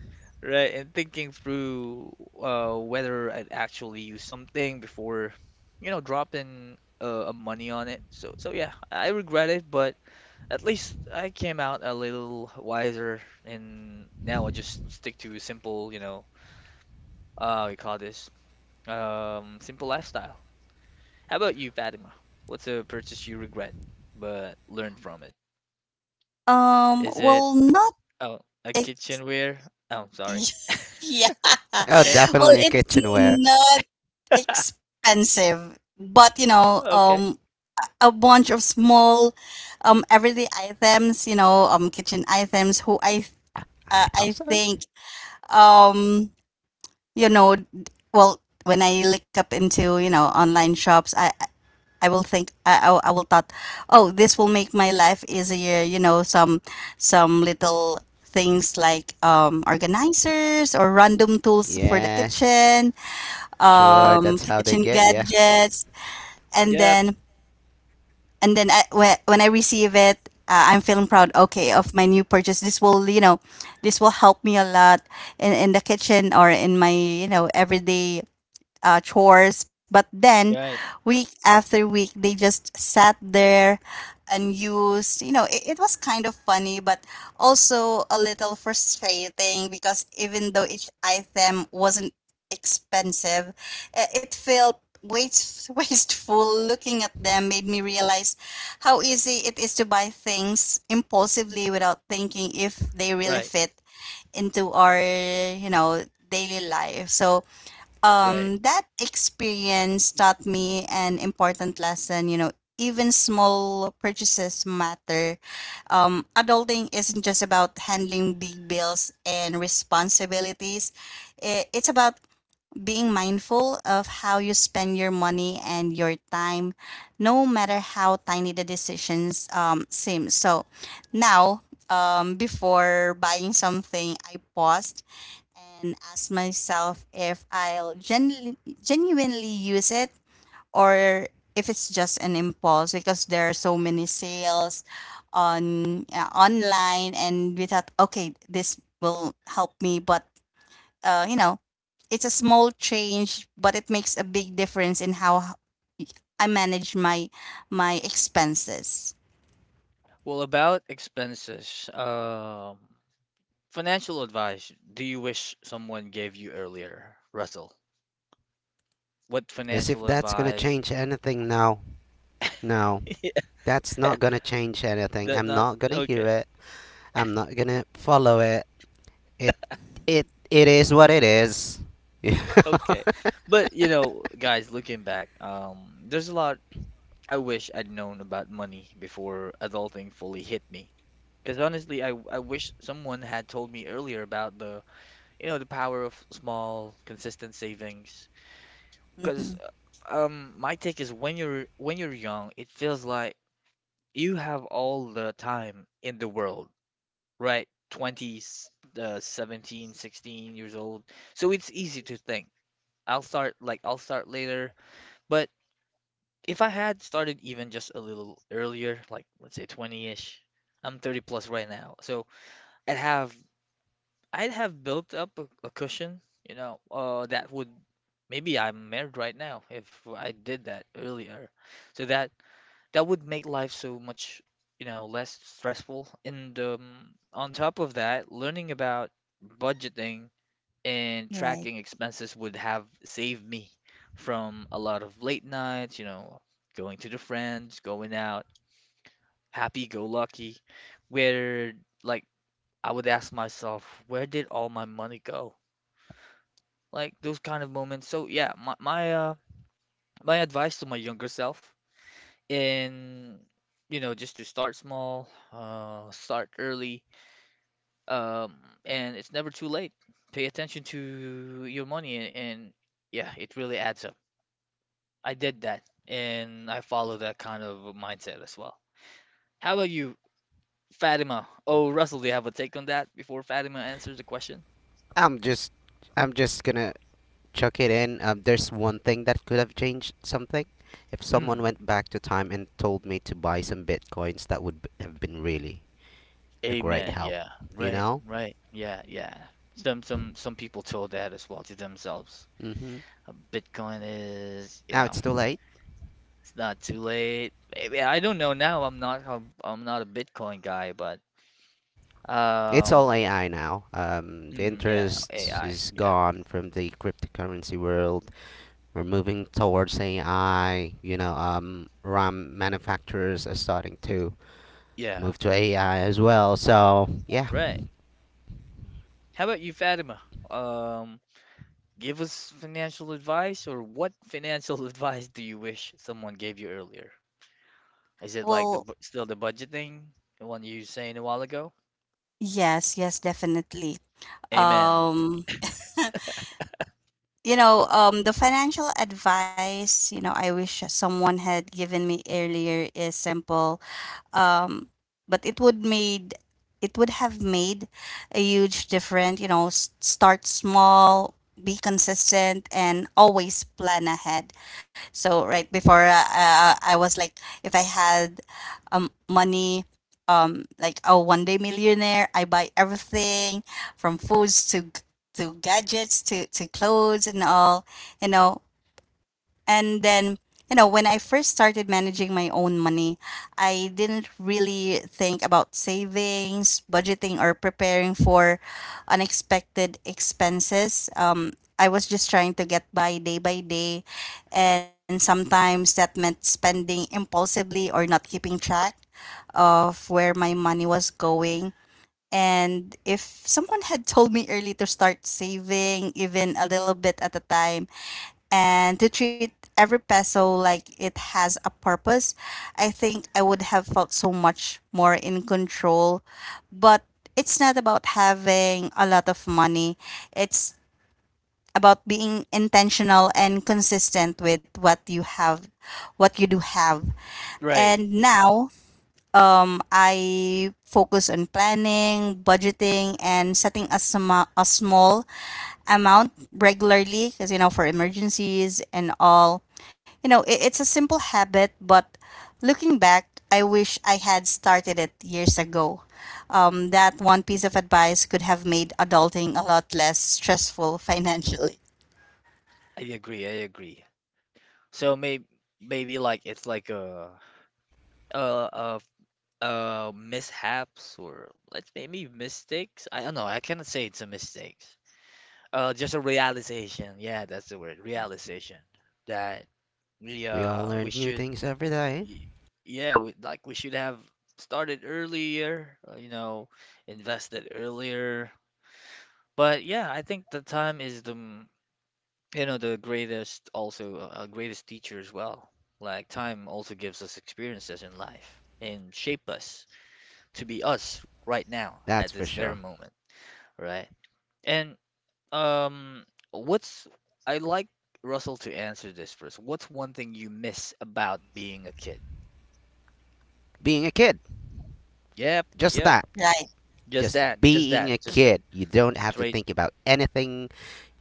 A: Right. And thinking through whether I'd actually use something before, dropping a money on it. So, yeah, I regret it, but at least I came out a little wiser, and now I just stick to a simple, we call this simple lifestyle. How about you, Fatima? What's a purchase you regret but learned from it? Is it
C: Well, not
A: oh a
C: ex-
A: kitchenware? Oh, sorry.
C: yeah.
B: Oh,
A: Okay.
C: Well,
B: definitely a
C: it's
B: kitchenware.
C: not expensive, but
A: Okay.
C: a bunch of small, everyday items. Kitchen items. Who
B: I I thought
C: I
B: so.
C: think, um, you know, d- well, when I look up into online shops, I will think I will thought, oh, this will make my life easier. You know, some little things like organizers or random tools for the
B: Yeah,
C: kitchen,
B: sure. That's how they
C: kitchen
B: get you.
C: gadgets, and
A: Yep.
C: then, I, when I receive it, I'm feeling proud. Okay, of my new purchase. This will help me a lot in the kitchen or in my, everyday chores. But then,
A: Right.
C: week after week, they just sat there and used. You know, it was kind of funny, but also a little frustrating because even though each item wasn't expensive, it felt waste, wasteful. Looking at them made me realize how easy it is to buy things impulsively without thinking if they really
A: Right.
C: fit into our, daily life. So
A: Right.
C: that experience taught me an important lesson. Even small purchases matter. Adulting isn't just about handling big bills and responsibilities. It's about being mindful of how you spend your money and your time, no matter how tiny the decisions seem. So now, before buying something, I paused and asked myself if I'll genuinely use it or if it's just an impulse because there are so many sales on, online, and we thought okay, this will help me, but uh, you know, it's a small change, but it makes a big difference in how I manage my expenses.
A: Well, about expenses, financial advice do you wish someone gave you earlier, Russell? What
B: As if
A: financial
B: that's gonna
A: advice?
B: change anything now. No.
A: Yeah,
B: That's not gonna change anything.
A: that
B: I'm
A: not
B: not gonna hear
A: okay.
B: it. I'm not gonna follow it. It it is what it is.
A: Okay. But you know, guys, looking back, there's a lot I wish I'd known about money before adulting fully hit me. Because honestly, I wish someone had told me earlier about the power of small, consistent savings.
C: Hmm.
A: Because my take is when you're young, it feels like you have all the time in the world, right? 20, 17, 16 years old. So it's easy to think. I'll start later. But if I had started even just a little earlier, like let's say 20-ish, I'm 30 plus right now. So I'd have I'd have built up a cushion, that would maybe I'm married right now if I did that earlier. So that would make life so much, you know, less stressful. And on top of that, learning about budgeting and
C: Right.
A: tracking expenses would have saved me from a lot of late nights, you know, going to the friends, going out, happy go lucky, where like I would ask myself, where did all my money go? Like those kind of moments. So yeah, my advice to my younger self, and you know, just to start small, start early, um and it's never too late. Pay attention to your money, and yeah, it really adds up. I did that and I follow that kind of mindset as well. How about you, Fatima? Oh, Russell, do you have a take on that before Fatima answers the question?
B: I'm just I'm just gonna chuck it in. There's one thing that could have changed something. If someone
A: Mm,
B: went back to time and told me to buy some bitcoins, that would have been really a great
A: amen,
B: help.
A: yeah.
B: You
A: Right,
B: know.
A: right, yeah, yeah. Some people told that as well to themselves.
B: Hmm
A: Bitcoin is you
B: Now
A: know
B: it's too late.
A: It's not too late. Maybe I don't know now. I'm not a Bitcoin guy, but
B: It's
A: um
B: all AI now. The
A: hmm, yeah,
B: interest
A: AI.
B: is
A: Yeah.
B: gone from the cryptocurrency world. We're moving towards AI. RAM manufacturers are starting to
A: Yeah.
B: move to AI as well. So yeah,
A: Right. How about you, Fatima? Um Give us financial advice, or what financial advice do you wish someone gave you earlier? Is it like the
C: Well,
A: still the budgeting, the one you were saying a while ago?
C: yes, yes, definitely.
A: Amen.
C: Um, the financial advice, I wish someone had given me earlier is simple, um, but it would have made a huge difference. You know, start small, be consistent, and always plan ahead. So right before, I was like, if I had money. Like a one day millionaire, I buy everything from foods to gadgets to clothes and all. you know and then, when I first started managing my own money, I didn't really think about savings, budgeting, or preparing for unexpected expenses. I was just trying to get by day by day. And sometimes that meant spending impulsively or not keeping track of where my money was going. And if someone had told me early to start saving, even a little bit at a time, and to treat every peso like it has a purpose, I think I would have felt so much more in control. But it's not about having a lot of money, it's about being intentional and consistent with what you have, what you do have.
A: Right.
C: And now, I focus on planning, budgeting, and setting a small amount regularly because, for emergencies and all. You know, it's a simple habit, but looking back, I wish I had started it years ago. That one piece of advice could have made adulting a lot less stressful financially.
A: I agree. I agree. So maybe like it's like a mishaps, or let's maybe mistakes. I don't know. I cannot say it's a mistake. Just a realization. Yeah, that's the word. Realization that we
B: we all
A: uh we
B: learn new
A: should
B: things every day.
A: y- yeah, we like, we should have started earlier. You know, invested earlier. But yeah, I think the time is the you know, the greatest, also, greatest teacher as well. Like time also gives us experiences in life and shape us to be us right now
B: That's
A: at
B: for
A: this very
B: sure.
A: moment, right? And um, what's I like Russell to answer this first. What's one thing you miss about being a kid?
B: Being a kid,
A: Yep,
B: just
A: yep.
B: that.
C: Right.
A: Just
B: Just
A: that, just
B: being
A: that,
B: a
A: just that.
B: kid. You don't have to
A: Straight,
B: think about anything.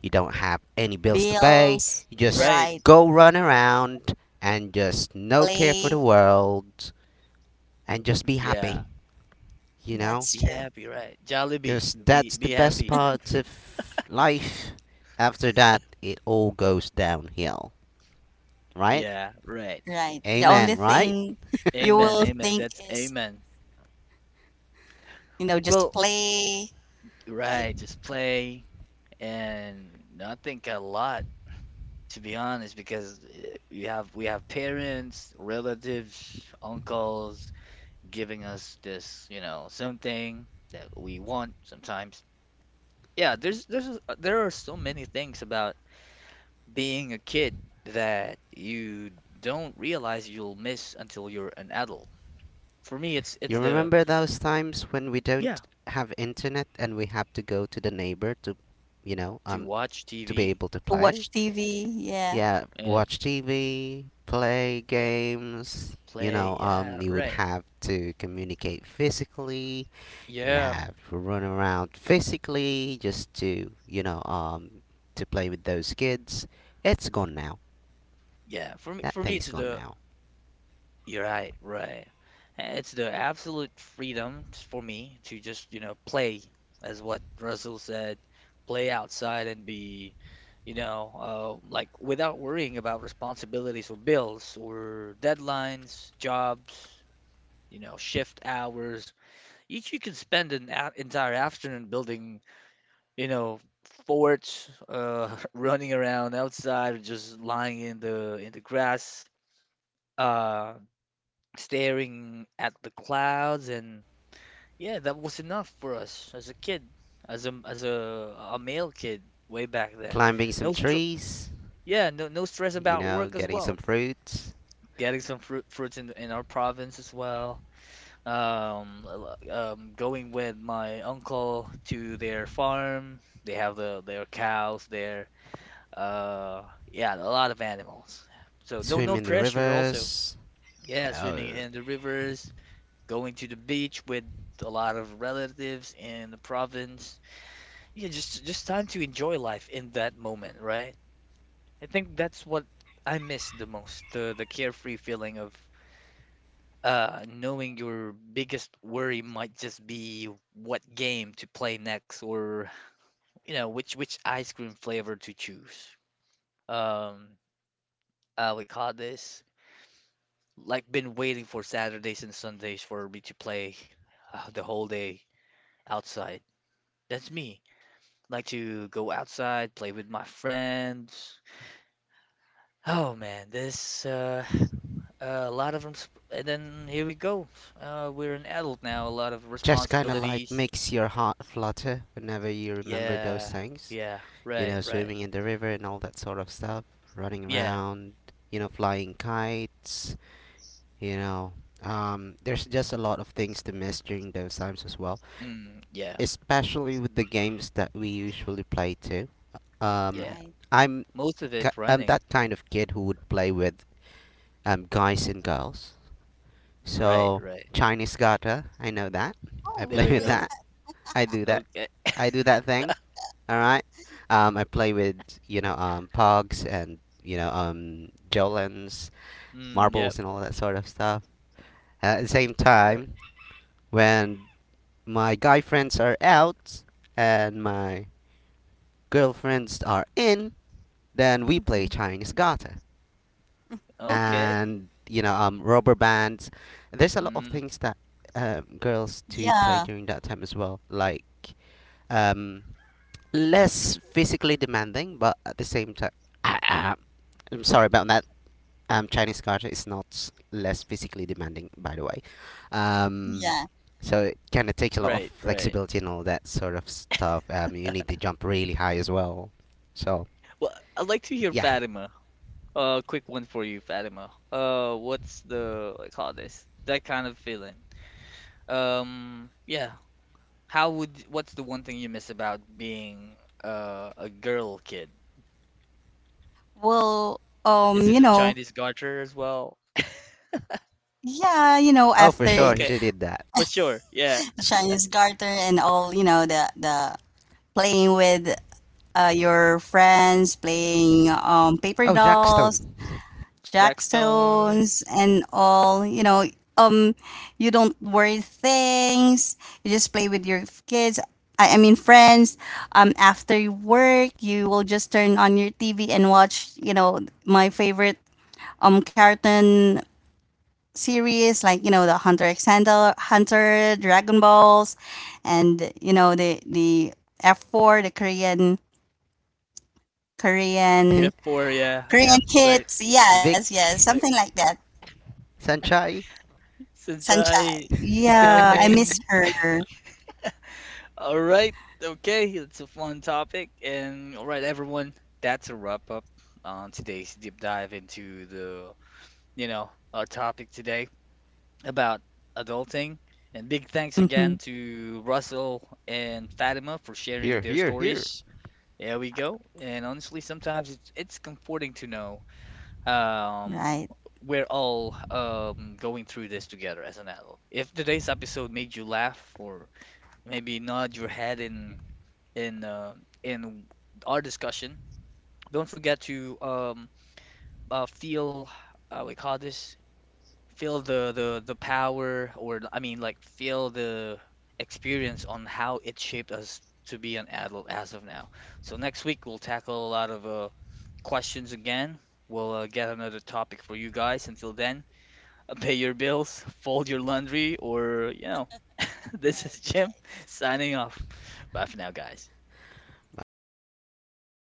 B: You don't have any bills to pay.
C: Bills,
B: You just
A: right?
C: right.
B: go run around and just no care for
C: Play.
B: the world and just be
A: Yeah.
B: happy. You know,
C: That's
A: Be
C: true.
A: happy, right? Jollibee,
B: because
A: be
B: that's the
A: be
B: best
A: happy.
B: part of life. After that, it all goes downhill, right?
A: Yeah, right.
C: Right. The only
B: Amen, right?
C: thing you
A: Amen,
C: will
A: amen.
C: think
A: That's
C: is,
A: amen.
C: just
A: Well,
C: play, right?
A: right. Just play and not think a lot, to be honest, because we have parents, relatives, uncles giving us this, you know, something that we want sometimes. Yeah, there are so many things about being a kid that you don't realize you'll miss until you're an adult. For me, it's
B: You
A: the,
B: remember those times when we
A: yeah,
B: don't have internet and we have to go to the neighbor to, you know,
A: to
B: um,
A: watch
B: to be
A: TV,
B: able to
C: To
B: play?
C: watch TV. Yeah.
B: Yeah,
A: and
B: watch TV, play
A: yeah,
B: games,
A: play, yeah,
B: you would
A: right.
B: have to communicate physically, and
A: Yeah,
B: have to run around physically just to to play with those kids. It's gone now.
A: yeah. For me,
B: That
A: for me, it's
B: thing's gone
A: the.
B: now.
A: You're right, right. And it's the absolute freedom for me to just, you know, play, as what Russell said, play outside and be, you know, like without worrying about responsibilities or bills or deadlines, jobs, you know, shift hours. Each you can spend an a entire afternoon building, you know, forts, running around outside, or just lying in the grass. Uh, Staring at the clouds, and yeah, that was enough for us as a kid, as a male kid way back then.
B: Climbing some
A: No str
B: trees,
A: Yeah, no stress
B: you
A: about
B: know,
A: work as
B: getting
A: well.
B: some fruits,
A: Getting some fruits in our province as well. Going with my uncle to their farm. They have their cows there. Uh, yeah, a lot of animals. So no
B: swim
A: no
B: in the
A: pressure also.
B: rivers.
A: Yeah,
B: Oh,
A: swimming in the rivers, going to the beach with a lot of relatives in the province. Yeah, just time to enjoy life in that moment, right? I think that's what I miss the most, the carefree feeling of knowing your biggest worry might just be what game to play next, or you know, which ice cream flavor to choose. Um we call this like been waiting for Saturdays and Sundays for me to play the whole day outside. That's me. Like to go outside, play with my friends. Oh man, this a lot of them, and then here we go. We're an adult now, a lot of
B: just kind of
C: Yeah.
B: like
A: responsibilities.
B: makes your heart flutter whenever you remember
A: Yeah,
B: those things,
A: yeah,
B: you
A: right,
B: know,
A: right.
B: swimming in the river and all that sort of stuff, running
A: Yeah,
B: around, you know, flying kites. you know there's just a lot of things to miss during those times as well,
A: mm, yeah,
B: especially with the games that we usually play too.
A: yeah.
B: Um,
C: Right.
B: I'm
A: Most of it
B: I'm
A: running.
B: that kind of kid who would play with, guys and girls.
A: Right,
B: So
A: right.
B: Chinese garter, I know that. I
C: Oh,
A: There
B: play
C: you
A: we
B: with
C: play
A: go.
B: that.
C: that?
B: I do that.
A: Okay.
B: I do that thing. All right. I play with pogs and jolens,
A: Mm, yep.
B: marbles, and all that sort of stuff. At the same
A: Right.
B: time, when my guy friends are out and my girlfriends are in, then we play
C: Mhm.
B: Chinese Gata
A: Okay.
B: and rubber bands. There's a lot of
A: Mm,
B: things that, girls do play
C: Yeah.
B: during that time as well, like, um less physically demanding, but at the same time, I'm sorry about that. Chinese Gata is not s- less physically demanding, by the way. Um,
C: Yeah.
B: so it kind of takes a lot of
A: right, right.
B: flexibility and all that sort of stuff. You need to jump really high as well. So
A: Well, I'd like to hear
B: yeah,
A: Fatima. Quick one for you, Fatima. What do you call this? That kind of feeling. Yeah. How would What's the one thing you miss about being a girl kid?
C: Well,
A: Is it the Chinese garter as well?
C: yeah,
B: oh, for
C: after
B: sure,
A: Okay,
B: she did that.
A: for sure. Yeah,
C: Chinese garter and all, the playing with your friends, playing paper
B: Oh,
C: dolls,
B: Jackstone.
C: jackstones
A: Jackstones.
C: and all. Um you don't worry things, you just play with your kids, I mean friends. After you work you will just turn on your TV and watch, my favorite, cartoon series like, the Hunter x Hunter, Dragon Balls, and the F4, the Korean, korean
A: Stones, F4. Yeah, yeah,
C: korean
A: right.
C: kids, yes yes,
B: Vic
C: something
A: Yeah,
C: like that.
B: Sanchai.
A: Sunshine,
C: Sunshine.
A: Dao.
C: Yeah, I miss her.
A: All right. Okay. It's a fun topic. And all right, everyone, that's a wrap up on today's deep dive into the, you know, our topic today about adulting. And big thanks again
C: Mhm,
A: to Russell and Fatima for sharing
B: Here,
A: their
B: here, here.
A: stories. There we go. And honestly, sometimes it's comforting to know, um,
C: right.
A: we're all going through this together as an adult. If today's episode made you laugh or maybe nod your head in uh, in our discussion. Don't forget to feel we call this feel the power, or I mean like feel the experience on how it shaped us to be an adult as of now. So next week we'll tackle a lot of questions again. We'll get another topic for you guys. Until then, pay your bills, fold your laundry, or you know. This is
C: Right,
A: Jim
C: right.
A: signing off. Bye for now, guys.
B: Bye, bye, bye.